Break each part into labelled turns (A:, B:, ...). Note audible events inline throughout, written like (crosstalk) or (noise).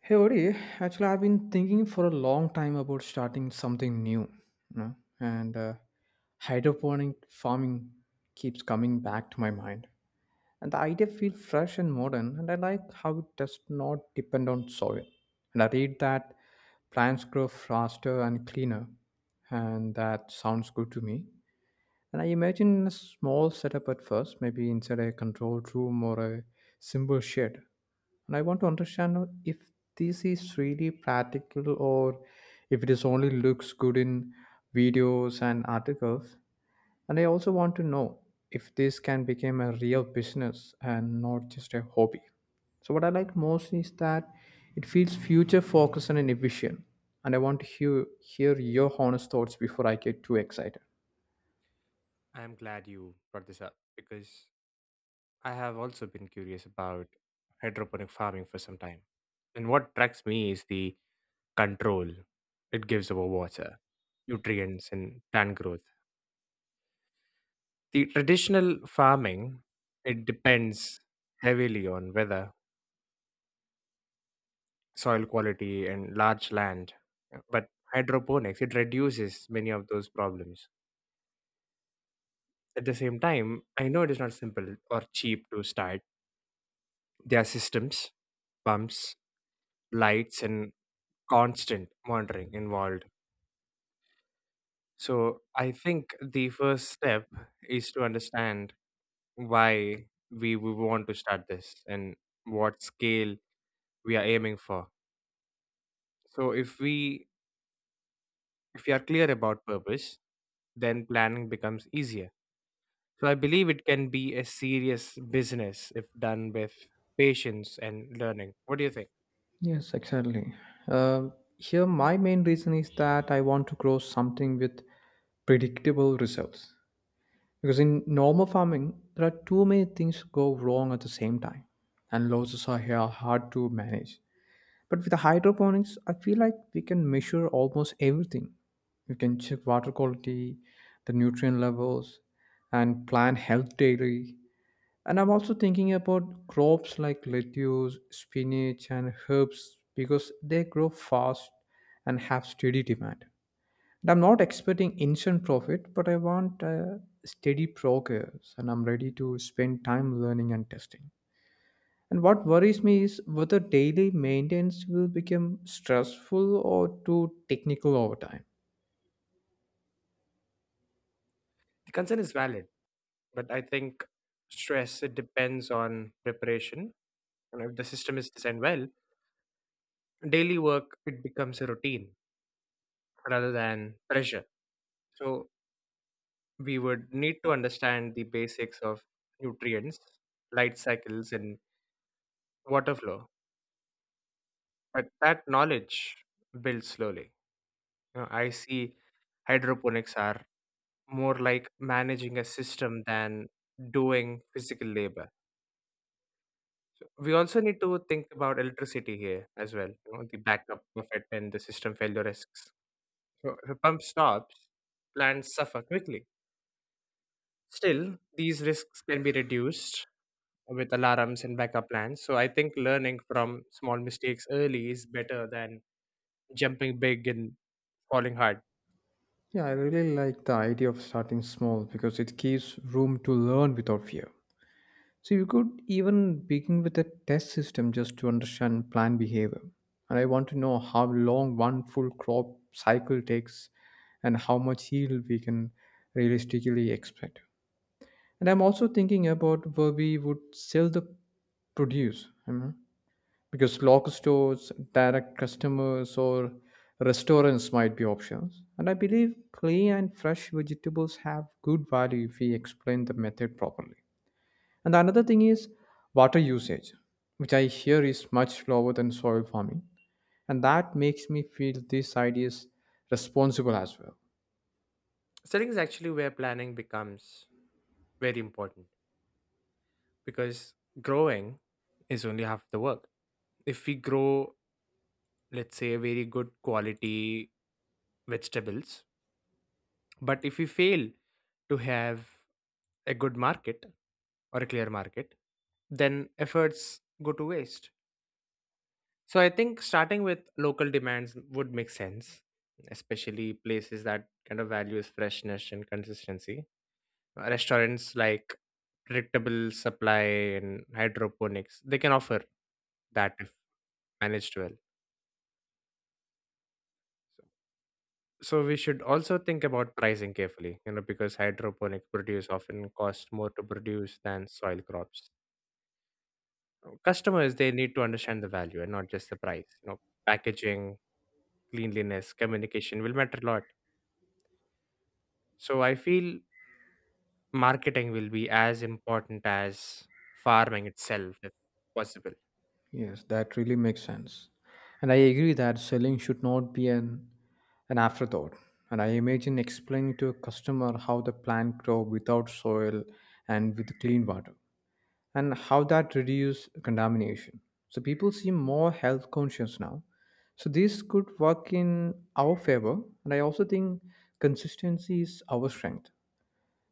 A: Hey Ori, actually I've been thinking for a long time about starting something new, you know, and hydroponic farming keeps coming back to my mind. And the idea feels fresh and modern, and I like how it does not depend on soil. And I read that plants grow faster and cleaner, and that sounds good to me. And I imagine a small setup at first, maybe inside a controlled room or a simple shed. And I want to understand if this is really practical or if it is only looks good in videos and articles. And I also want to know if this can become a real business and not just a hobby. So what I like most is that it feels future focused and efficient. And I want to hear your honest thoughts before I get too excited.
B: I'm glad you brought this up because I have also been curious about hydroponic farming for some time. And what attracts me is the control it gives over water, nutrients, and plant growth. The traditional farming, it depends heavily on weather, soil quality, and large land. But hydroponics, it reduces many of those problems. At the same time, I know it is not simple or cheap to start. There are systems, pumps, lights and constant monitoring involved. So I think the first step is to understand why we would want to start this and what scale we are aiming for. So if we are clear about purpose, then planning becomes easier. So I believe it can be a serious business if done with patience and learning. What do you think?
A: Yes, exactly. Here, my main reason is that I want to grow something with predictable results. Because in normal farming, there are too many things go wrong at the same time, and losses are here hard to manage. But with the hydroponics, I feel like we can measure almost everything. We can check water quality, the nutrient levels, and plant health daily. And I'm also thinking about crops like lettuce, spinach, and herbs because they grow fast and have steady demand. And I'm not expecting instant profit, but I want steady progress and I'm ready to spend time learning and testing. And what worries me is whether daily maintenance will become stressful or too technical over time.
B: The concern is valid, but I think stress, it depends on preparation. And if the system is designed well, daily work it becomes a routine rather than pressure. So we would need to understand the basics of nutrients, light cycles and water flow, but that knowledge builds slowly. You know, I see hydroponics are more like managing a system than doing physical labor. So we also need to think about electricity here as well, you know, the backup of it and the system failure risks. So if a pump stops, plants suffer quickly. Still, these risks can be reduced with alarms and backup plans. So I think learning from small mistakes early is better than jumping big and falling hard.
A: Yeah, I really like the idea of starting small because it gives room to learn without fear. So you could even begin with a test system just to understand plant behavior. And I want to know how long one full crop cycle takes and how much yield we can realistically expect. And I'm also thinking about where we would sell the produce, you know, because local stores, direct customers, or restaurants might be options. And I believe clean and fresh vegetables have good value if we explain the method properly. And the another thing is water usage, which I hear is much lower than soil farming. And that makes me feel this idea is responsible as well.
B: Setting is actually where planning becomes very important because growing is only half the work. If we grow, let's say, very good quality vegetables, but if we fail to have a good market or a clear market, then efforts go to waste. So I think starting with local demands would make sense, especially places that kind of values freshness and consistency. Restaurants like predictable supply, and hydroponics, they can offer that if managed well. So we should also think about pricing carefully, you know, because hydroponic produce often cost more to produce than soil crops. Customers they need to understand the value and not just the price. You know, packaging, cleanliness, communication will matter a lot. So I feel marketing will be as important as farming itself, if possible.
A: Yes, that really makes sense. And I agree that selling should not be an afterthought. And I imagine explaining to a customer how the plant grow without soil and with clean water, and how that reduce contamination. So people seem more health conscious now. So this could work in our favor, and I also think consistency is our strength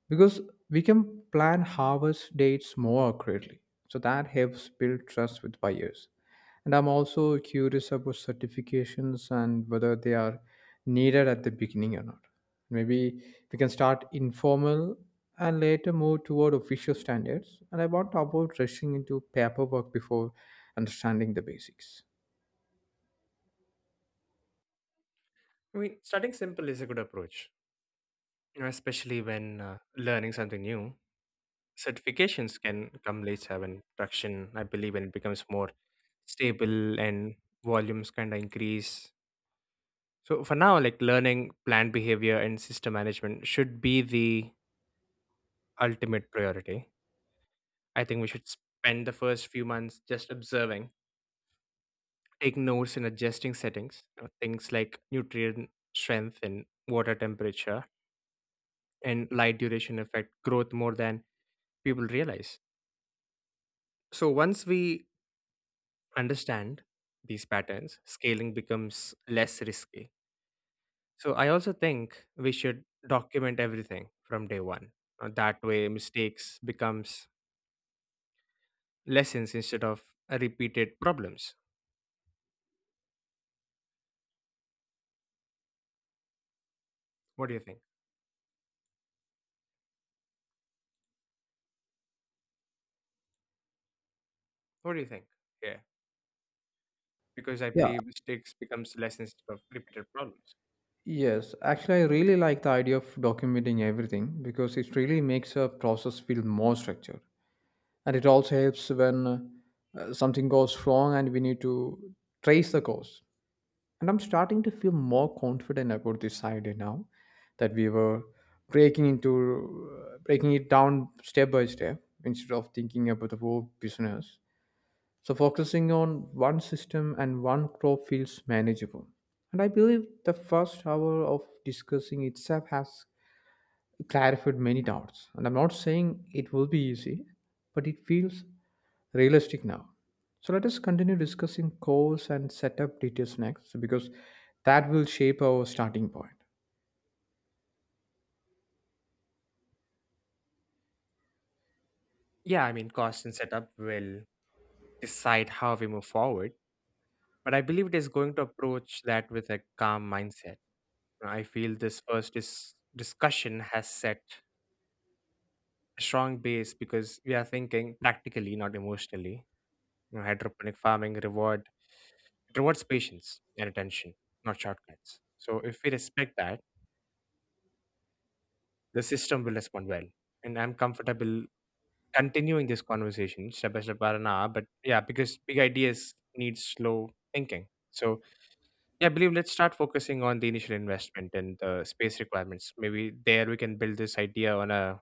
A: because we can plan harvest dates more accurately. So that helps build trust with buyers. And I'm also curious about certifications and whether they are needed at the beginning or not. Maybe we can start informal and later move toward official standards. And I want to avoid rushing into paperwork before understanding the basics.
B: I mean, starting simple is a good approach, you know, especially when learning something new. Certifications can come later when production, I believe, when it becomes more stable and volumes kind of increase. So for now, like learning plant behavior and system management should be the ultimate priority. I think we should spend the first few months just observing, take notes in adjusting settings. You know, things like nutrient strength and water temperature and light duration affect growth more than people realize. So once we understand these patterns, scaling becomes less risky. So I also think we should document everything from day one. That way mistakes becomes lessons instead of repeated problems. What do you think? What do you think? Yeah, because I
A: Yeah,
B: believe mistakes becomes lessons instead of repeated problems.
A: yes, actually, I really like the idea of documenting everything because it really makes a process feel more structured, and it also helps when something goes wrong and we need to trace the cause. And I'm starting to feel more confident about this idea now that we were breaking it down step by step instead of thinking about the whole business. So focusing on one system and one crop feels manageable, and I believe the first hour of discussing itself has clarified many doubts, and I'm not saying it will be easy, but it feels realistic now. So let us continue discussing course and setup details next so because that will shape our starting point.
B: Yeah, I mean, cost and setup will decide how we move forward, but I believe it is going to approach that with a calm mindset. I feel this first discussion has set a strong base because we are thinking practically, not emotionally. You know, hydroponic farming reward, it rewards patience and attention, not shortcuts. So if we respect that, the system will respond well. And I'm comfortable continuing this conversation step by step, by an hour, but yeah, because big ideas need slow thinking. So yeah, I believe let's start focusing on the initial investment and the space requirements. Maybe there we can build this idea on a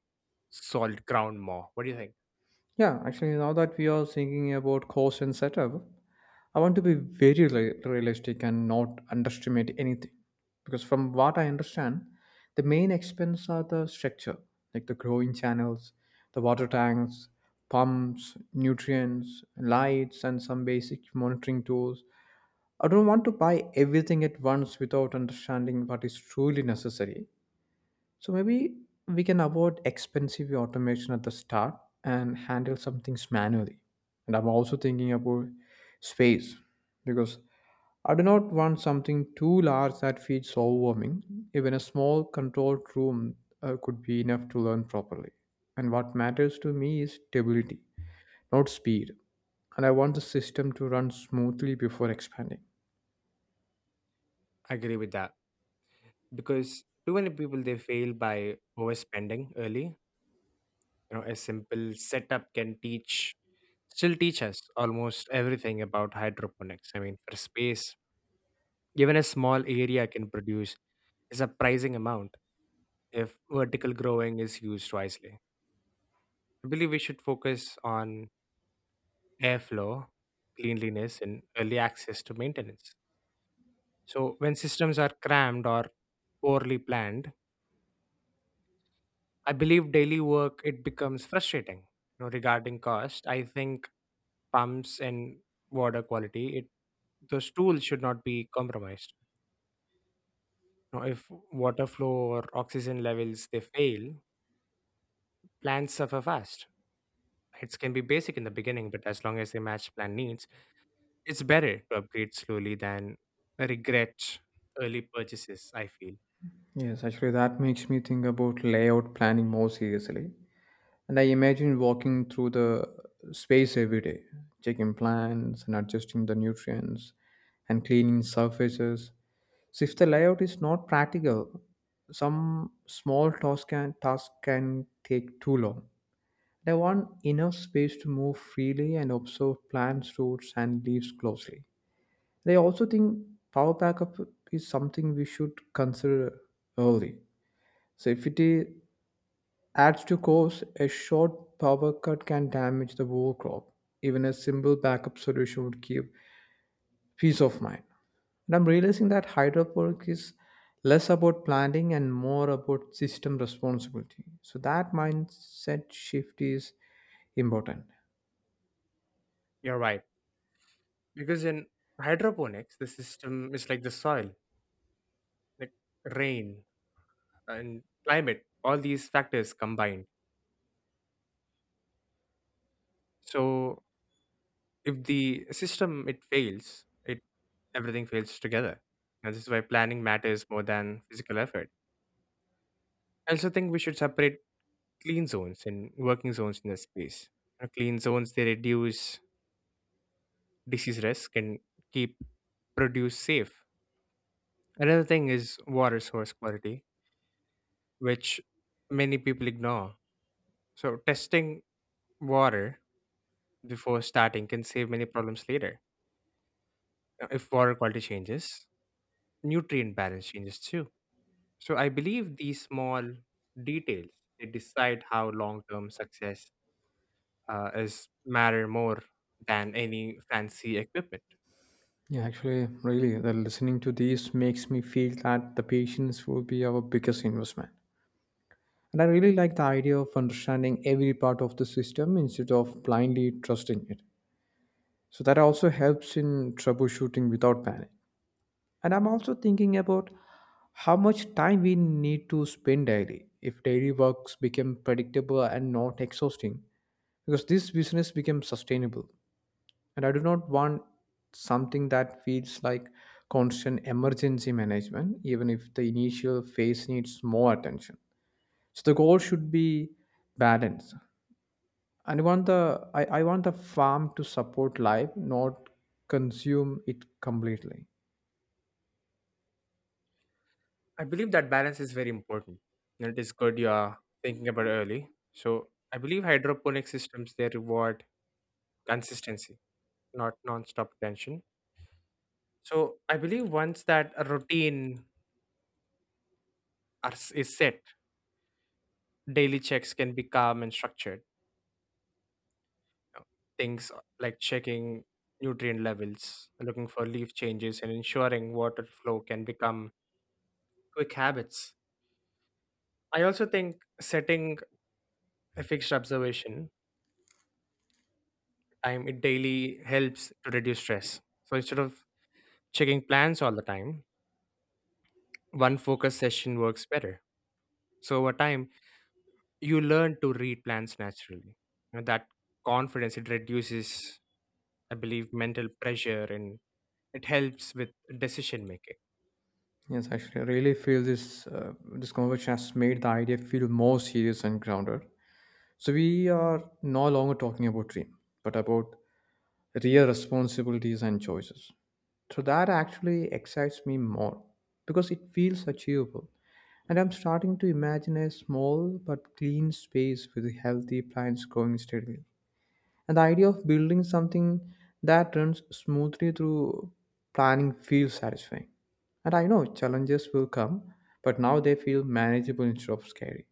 B: solid ground more. What do you think?
A: Yeah, actually, now that we are thinking about course and setup, I want to be very realistic and not underestimate anything. Because from what I understand, the main expense are the structure, like the growing channels, the water tanks, pumps, nutrients, lights, and some basic monitoring tools. I don't want to buy everything at once without understanding what is truly necessary. So maybe we can avoid expensive automation at the start and handle some things manually. And I'm also thinking about space because I do not want something too large that feels overwhelming. Even a small controlled room could be enough to learn properly. And what matters to me is stability, not speed. And I want the system to run smoothly before expanding.
B: I agree with that because too many people they fail by overspending early. You know, a simple setup can still teach us almost everything about hydroponics. I mean, for space, even a small area can produce a surprising amount if vertical growing is used wisely. I believe we should focus on airflow, cleanliness, and early access to maintenance. So, when systems are crammed or poorly planned, I believe daily work it becomes frustrating. You know, regarding cost, I think pumps and water quality, it those tools should not be compromised. You know, if water flow or oxygen levels they fail, plants suffer fast. It can be basic in the beginning, but as long as they match plan needs, it's better to upgrade slowly than regret early purchases. I feel.
A: Yes, actually, that makes me think about layout planning more seriously. And I imagine walking through the space every day, checking plants and adjusting the nutrients and cleaning surfaces. So, if the layout is not practical, some small task can take too long. And I want enough space to move freely and observe plants, roots, and leaves closely. And I also think power backup is something we should consider early so if it I- adds to cost, a short power cut can damage the whole crop. Even a simple backup solution would give peace of mind. And I'm realizing that hydroponic is less about planting and more about system responsibility. So that mindset shift is important.
B: You're right. Because in hydroponics, the system is like the soil, like rain and climate, all these factors combined. So if the system it fails, it everything fails together. And this is why planning matters more than physical effort. I also think we should separate clean zones and working zones in the space. You know, clean zones they reduce disease risk and keep produce safe. Another thing is water source quality, which many people ignore. So testing water before starting can save many problems later. If water quality changes, nutrient balance changes too. So I believe these small details they decide how long-term success is matter more than any fancy equipment.
A: Yeah, actually, really, the listening to these makes me feel that the patience will be our biggest investment. And I really like the idea of understanding every part of the system instead of blindly trusting it. So that also helps in troubleshooting without panic. And I'm also thinking about how much time we need to spend daily if daily works become predictable and not exhausting, because this business becomes sustainable. And I do not want something that feels like constant emergency management even if the initial phase needs more attention. So the goal should be balance, and I want the farm to support life, not consume it completely.
B: I believe that balance is very important. And it is good you are thinking about early. So I believe hydroponic systems they reward consistency, not non-stop attention. So I believe once that a routine is set. Daily checks can be calm and structured. you know. Things like checking nutrient levels, looking for leaf changes, and ensuring water flow can become quick habits. I also think setting a fixed observation time it daily helps to reduce stress. So instead of checking plans all the time, one focus session works better. So over time, you learn to read plans naturally. You know, that confidence it reduces, I believe, mental pressure, and it helps with decision making.
A: Yes, actually, I really feel this conversation has made the idea feel more serious and grounded. So we are no longer talking about dream, but about real responsibilities and choices. So that actually excites me more because it feels achievable, and I'm starting to imagine a small but clean space with healthy plants growing steadily. And the idea of building something that runs smoothly through planning feels satisfying. And I know challenges will come, but now they feel manageable instead of scary.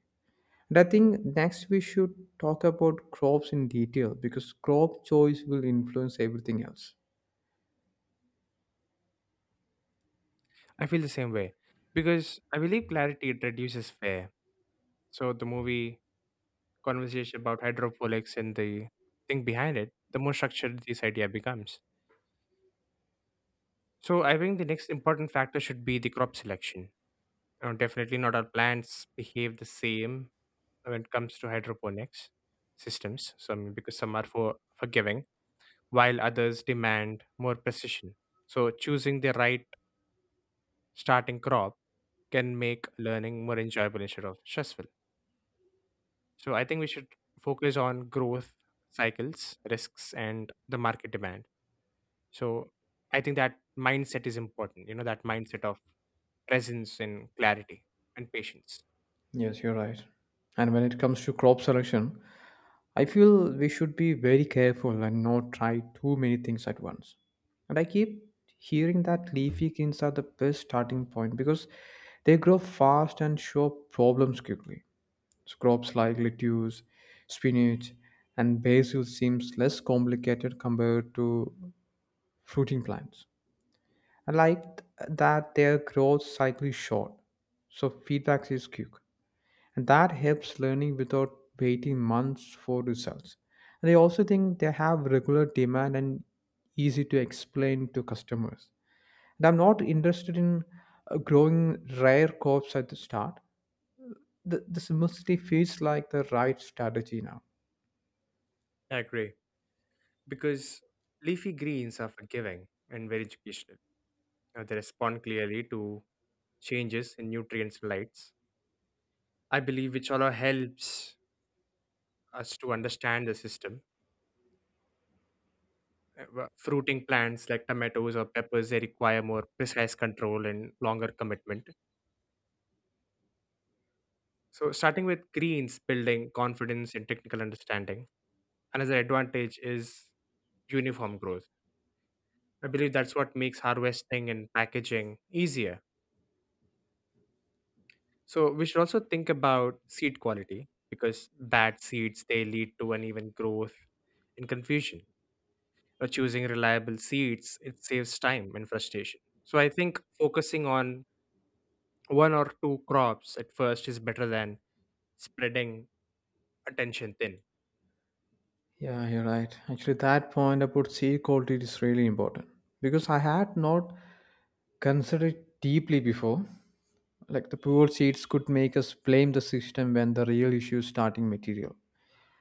A: And I think next we should talk about crops in detail because crop choice will influence everything else.
B: I feel the same way because I believe clarity it reduces fear. So the movie conversation about hydroponics and the thing behind it, the more structured this idea becomes. So I think the next important factor should be the crop selection. Definitely not all plants behave the same when it comes to hydroponics systems. So I mean, because some are for forgiving, while others demand more precision. So choosing the right starting crop can make learning more enjoyable instead of stressful. So I think we should focus on growth cycles, risks, and the market demand. So I think that mindset is important, you know, that mindset of presence and clarity and patience.
A: Yes, you're right. And when it comes to crop selection, I feel we should be very careful and not try too many things at once. And I keep hearing that leafy greens are the best starting point because they grow fast and show problems quickly. So crops like lettuce, spinach, and basil seems less complicated compared to fruiting plants. I like that their growth cycle is short, so feedback is quick and that helps learning without waiting months for results. And I also think they have regular demand and easy to explain to customers. And I'm not interested in growing rare crops at the start. The simplicity feels like the right strategy now.
B: I agree. Because leafy greens are forgiving and very educational. You know, they respond clearly to changes in nutrients and lights. I believe, which all helps us to understand the system. Fruiting plants like tomatoes or peppers they require more precise control and longer commitment. So starting with greens building confidence and technical understanding. Another advantage is uniform growth. I believe that's what makes harvesting and packaging easier. So we should also think about seed quality because bad seeds they lead to uneven growth and confusion. Or choosing reliable seeds it saves time and frustration. So I think focusing on one or two crops at first is better than spreading attention thin.
A: Yeah, you're right. Actually, that point about seed quality is really important because I had not considered deeply before. Like the poor seeds could make us blame the system when the real issue is starting material.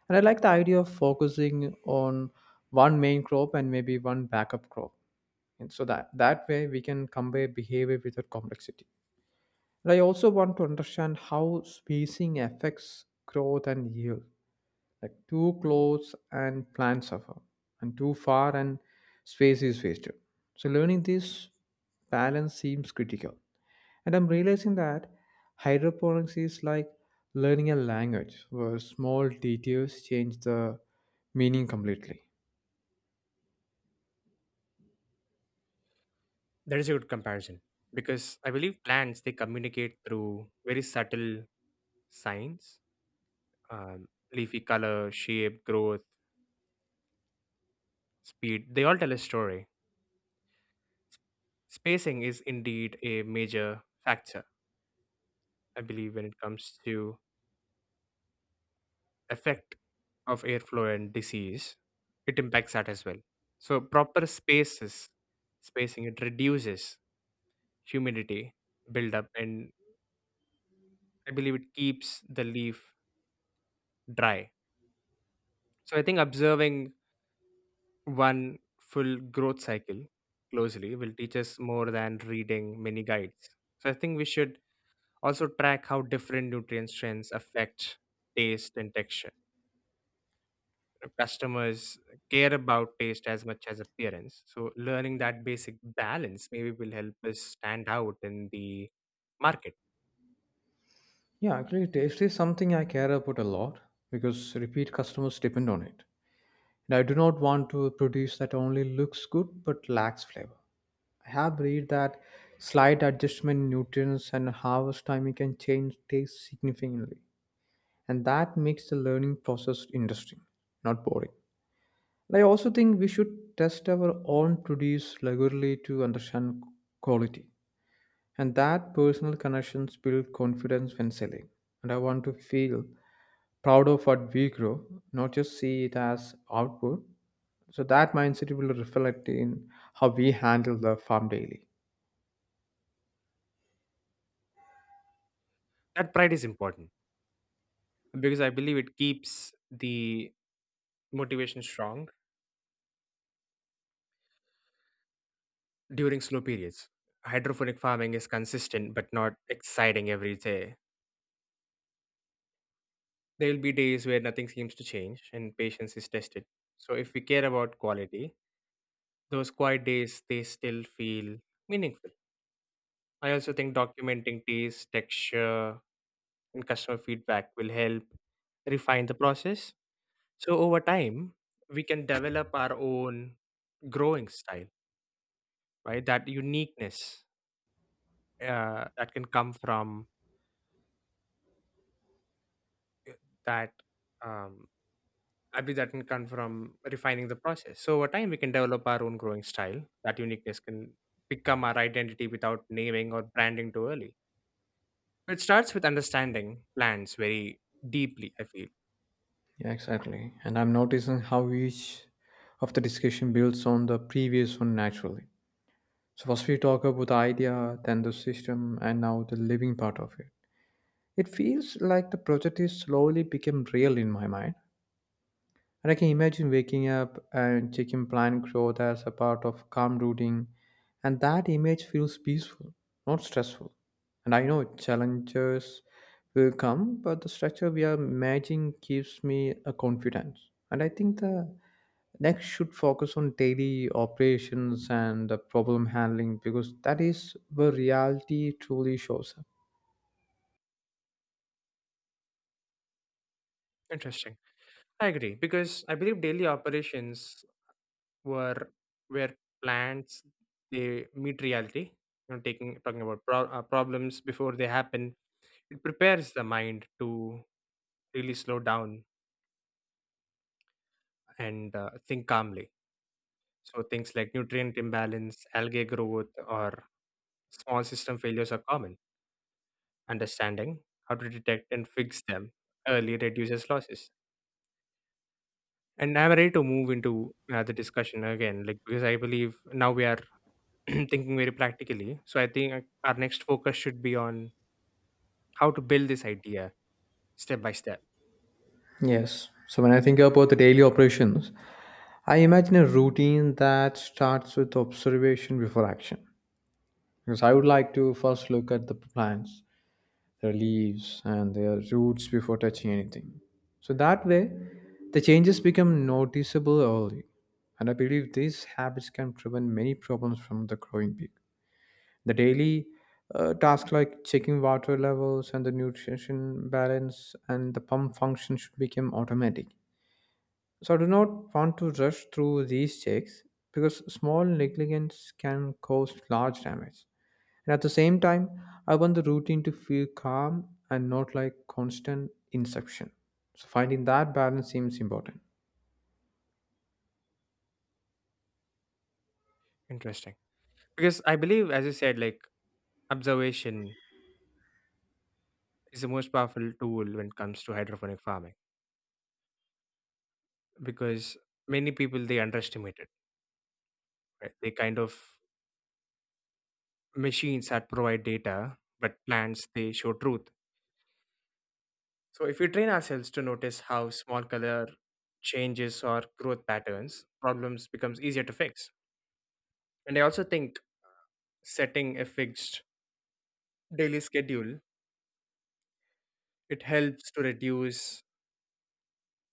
A: And I like the idea of focusing on one main crop and maybe one backup crop. And so that way we can compare behavior without complexity. And I also want to understand how spacing affects growth and yield, like too close and plants suffer, and too far and space is wasted. So learning this balance seems critical. And I'm realizing that hydroponics is like learning a language where small details change the meaning completely.
B: That is a good comparison because I believe plants they communicate through very subtle signs, um, leafy color, shape, growth, speed. They all tell a story. Spacing is indeed a major factor, I believe, when it comes to effect of airflow and disease. It impacts that as well. So proper spacing, it reduces humidity buildup, and I believe it keeps the leaf dry. So I think observing one full growth cycle closely will teach us more than reading many guides. So I think we should also track how different nutrient strengths affect taste and texture. Customers care about taste as much as appearance. So learning that basic balance maybe will help us stand out in the market.
A: Yeah, actually, taste is something I care about a lot because repeat customers depend on it. And I do not want to produce that only looks good but lacks flavor. I have read that slight adjustment in nutrients and harvest timing can change taste significantly, and that makes the learning process interesting, not boring. And I also think we should test our own produce regularly to understand quality, and that personal connections build confidence when selling. And I want to feel proud of what we grow, not just see it as output. So that mindset will reflect in how we handle the farm daily.
B: That pride is important because I believe it keeps the motivation strong during slow periods. Hydroponic farming is consistent but not exciting every day. There will be days where nothing seems to change and patience is tested. So if we care about quality, those quiet days they still feel meaningful. I also think documenting taste, texture, and customer feedback will help refine the process. So over time, we can develop our own growing style, right? That uniqueness, that can come from that um, I believe that can come from refining the process. So over time, we can develop our own growing style. That uniqueness can become our identity without naming or branding too early. It starts with understanding plants very deeply. I feel
A: Yeah, exactly. And I'm noticing how each of the discussion builds on the previous one naturally. So first we talk about the idea, then the system, and now the living part of it. It feels like the project is slowly become real in my mind, and I can imagine waking up and checking plant growth as a part of calm routine. And that image feels peaceful, not stressful. And I know challenges will come, but the structure we are imagining gives me a confidence. And I think the next should focus on daily operations and the problem handling because that is where reality truly shows up.
B: interesting. I agree because I believe daily operations were where plants they meet reality. You know, taking talking about problems before they happen. It prepares the mind to really slow down and think calmly. So things like nutrient imbalance, algae growth, or small system failures are common. Understanding how to detect and fix them early reduces losses. And I'm ready to move into the discussion again, like because I believe now we are (clears throat) thinking very practically. So I think our next focus should be on how to build this idea step by step.
A: Yes. So when I think about the daily operations, I imagine a routine that starts with observation before action. Because I would like to first look at the plants, their leaves, and their roots before touching anything. So that way, the changes become noticeable early. And I believe these habits can prevent many problems from the growing peak. The daily tasks like checking water levels and the nutrition balance and the pump function should become automatic, so I do not want to rush through these checks because small negligence can cause large damage. And at the same time, I want the routine to feel calm and not like constant inception. So finding that balance seems important.
B: Interesting, because I believe, as you said, like observation is the most powerful tool when it comes to hydroponic farming because many people they underestimate it, right? They kind of machines that provide data, but plants they show truth. So if we train ourselves to notice how small color changes or growth patterns, problems becomes easier to fix. And I also think setting a fixed daily schedule it helps to reduce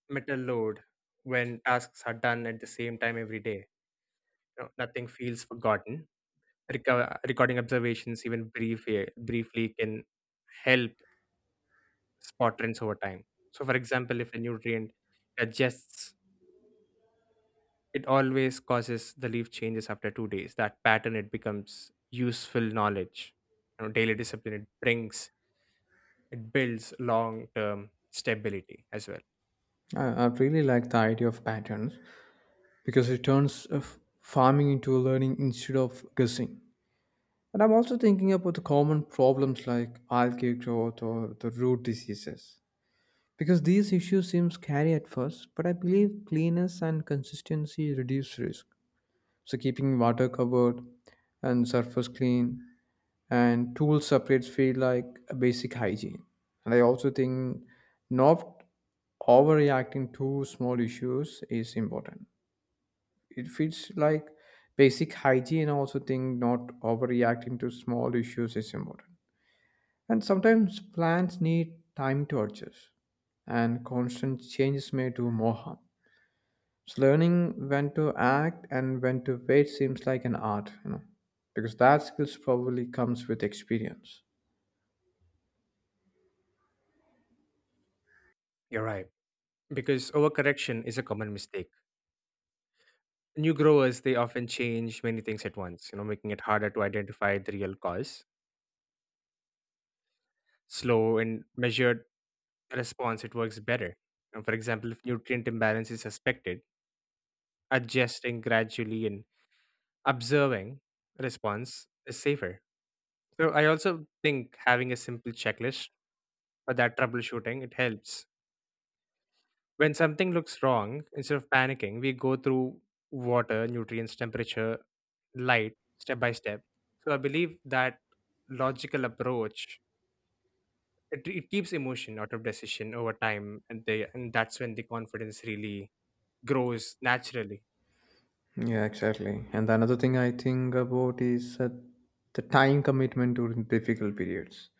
B: mental load when tasks are done at the same time every day. You know, nothing feels forgotten. Recording observations, even briefly, can help spot trends over time. So, for example, if a nutrient adjusts, it always causes the leaf changes after 2 days. That pattern it becomes useful knowledge. You know, daily discipline it builds long term stability as well.
A: I really like the idea of patterns because it turns farming into a learning instead of guessing. And I'm also thinking about the common problems like algae growth or the root diseases. Because these issues seem scary at first, but I believe cleanness and consistency reduce risk. So keeping water covered and surface clean and tool separate feel like a basic hygiene. And I also think not overreacting to small issues is important. It feels like basic hygiene. I also think not overreacting to small issues is important. And sometimes plants need time to adjust, and constant changes may do more harm. So learning when to act and when to wait seems like an art, you know, because that skills probably comes with experience.
B: You're right because overcorrection is a common mistake. New growers they often change many things at once. You know, making it harder to identify the real cause. Slow and measured response it works better. And for example, if nutrient imbalance is suspected, adjusting gradually and observing response is safer. So I also think having a simple checklist for that troubleshooting it helps. When something looks wrong, instead of panicking, we go through water, nutrients, temperature, light step by step. So I believe that logical approach it keeps emotion out of decision over time, and that's when the confidence really grows naturally.
A: Yeah, exactly. And another thing I think about is the time commitment during difficult periods.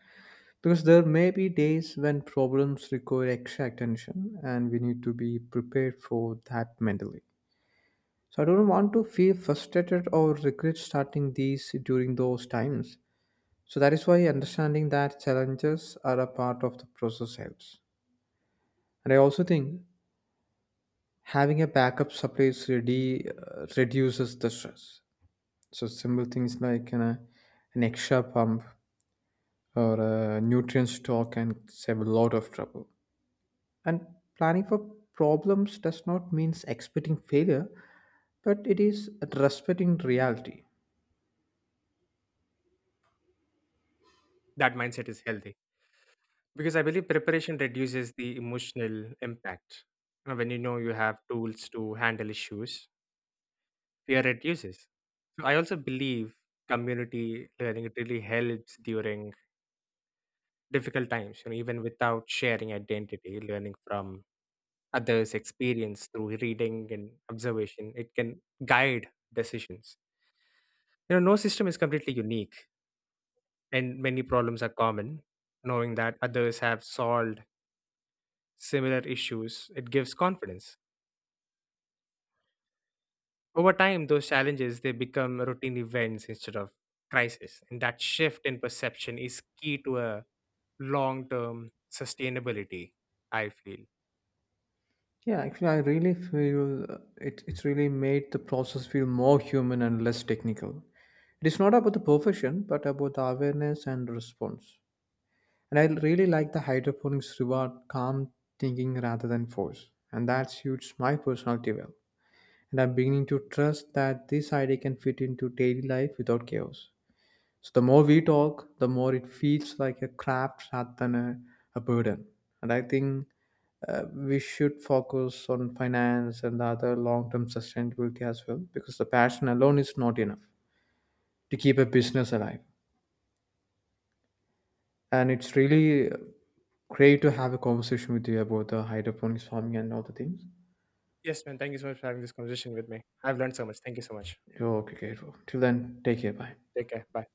A: Because there may be days when problems require extra attention, and we need to be prepared for that mentally. So I don't want to feel frustrated or regret starting these during those times. So that is why understanding that challenges are a part of the process helps. And I also think having a backup supplies ready reduces the stress. So simple things like an extra pump or a nutrient stock can save a lot of trouble. And planning for problems does not mean expecting failure, but it is respecting reality.
B: That mindset is healthy. Because I believe preparation reduces the emotional impact. You know, when you know you have tools to handle issues, fear reduces. So I also believe community learning it really helps during difficult times, you know, even without sharing identity, learning from others' experience through reading and observation, it can guide decisions. You know, no system is completely unique and many problems are common. Knowing that others have solved similar issues, it gives confidence. Over time, those challenges they become routine events instead of crisis, and that shift in perception is key to a long-term sustainability. I feel.
A: Yeah, actually, I really feel it's really made the process feel more human and less technical. It is not about the perfection, but about the awareness and response. And I really like the hydroponics reward calm thinking rather than force. And that suits my personality well. And I'm beginning to trust that this idea can fit into daily life without chaos. So the more we talk, the more it feels like a craft rather than a burden. And I think we should focus on finance and the other long-term sustainability as well, because the passion alone is not enough to keep a business alive. And it's really great to have a conversation with you about the hydroponics farming and all the things.
B: Yes, man. Thank you so much for having this conversation with me. I've learned so much. Thank you so much.
A: Okay, okay. Till then, take care. Bye.
B: Take care. Bye.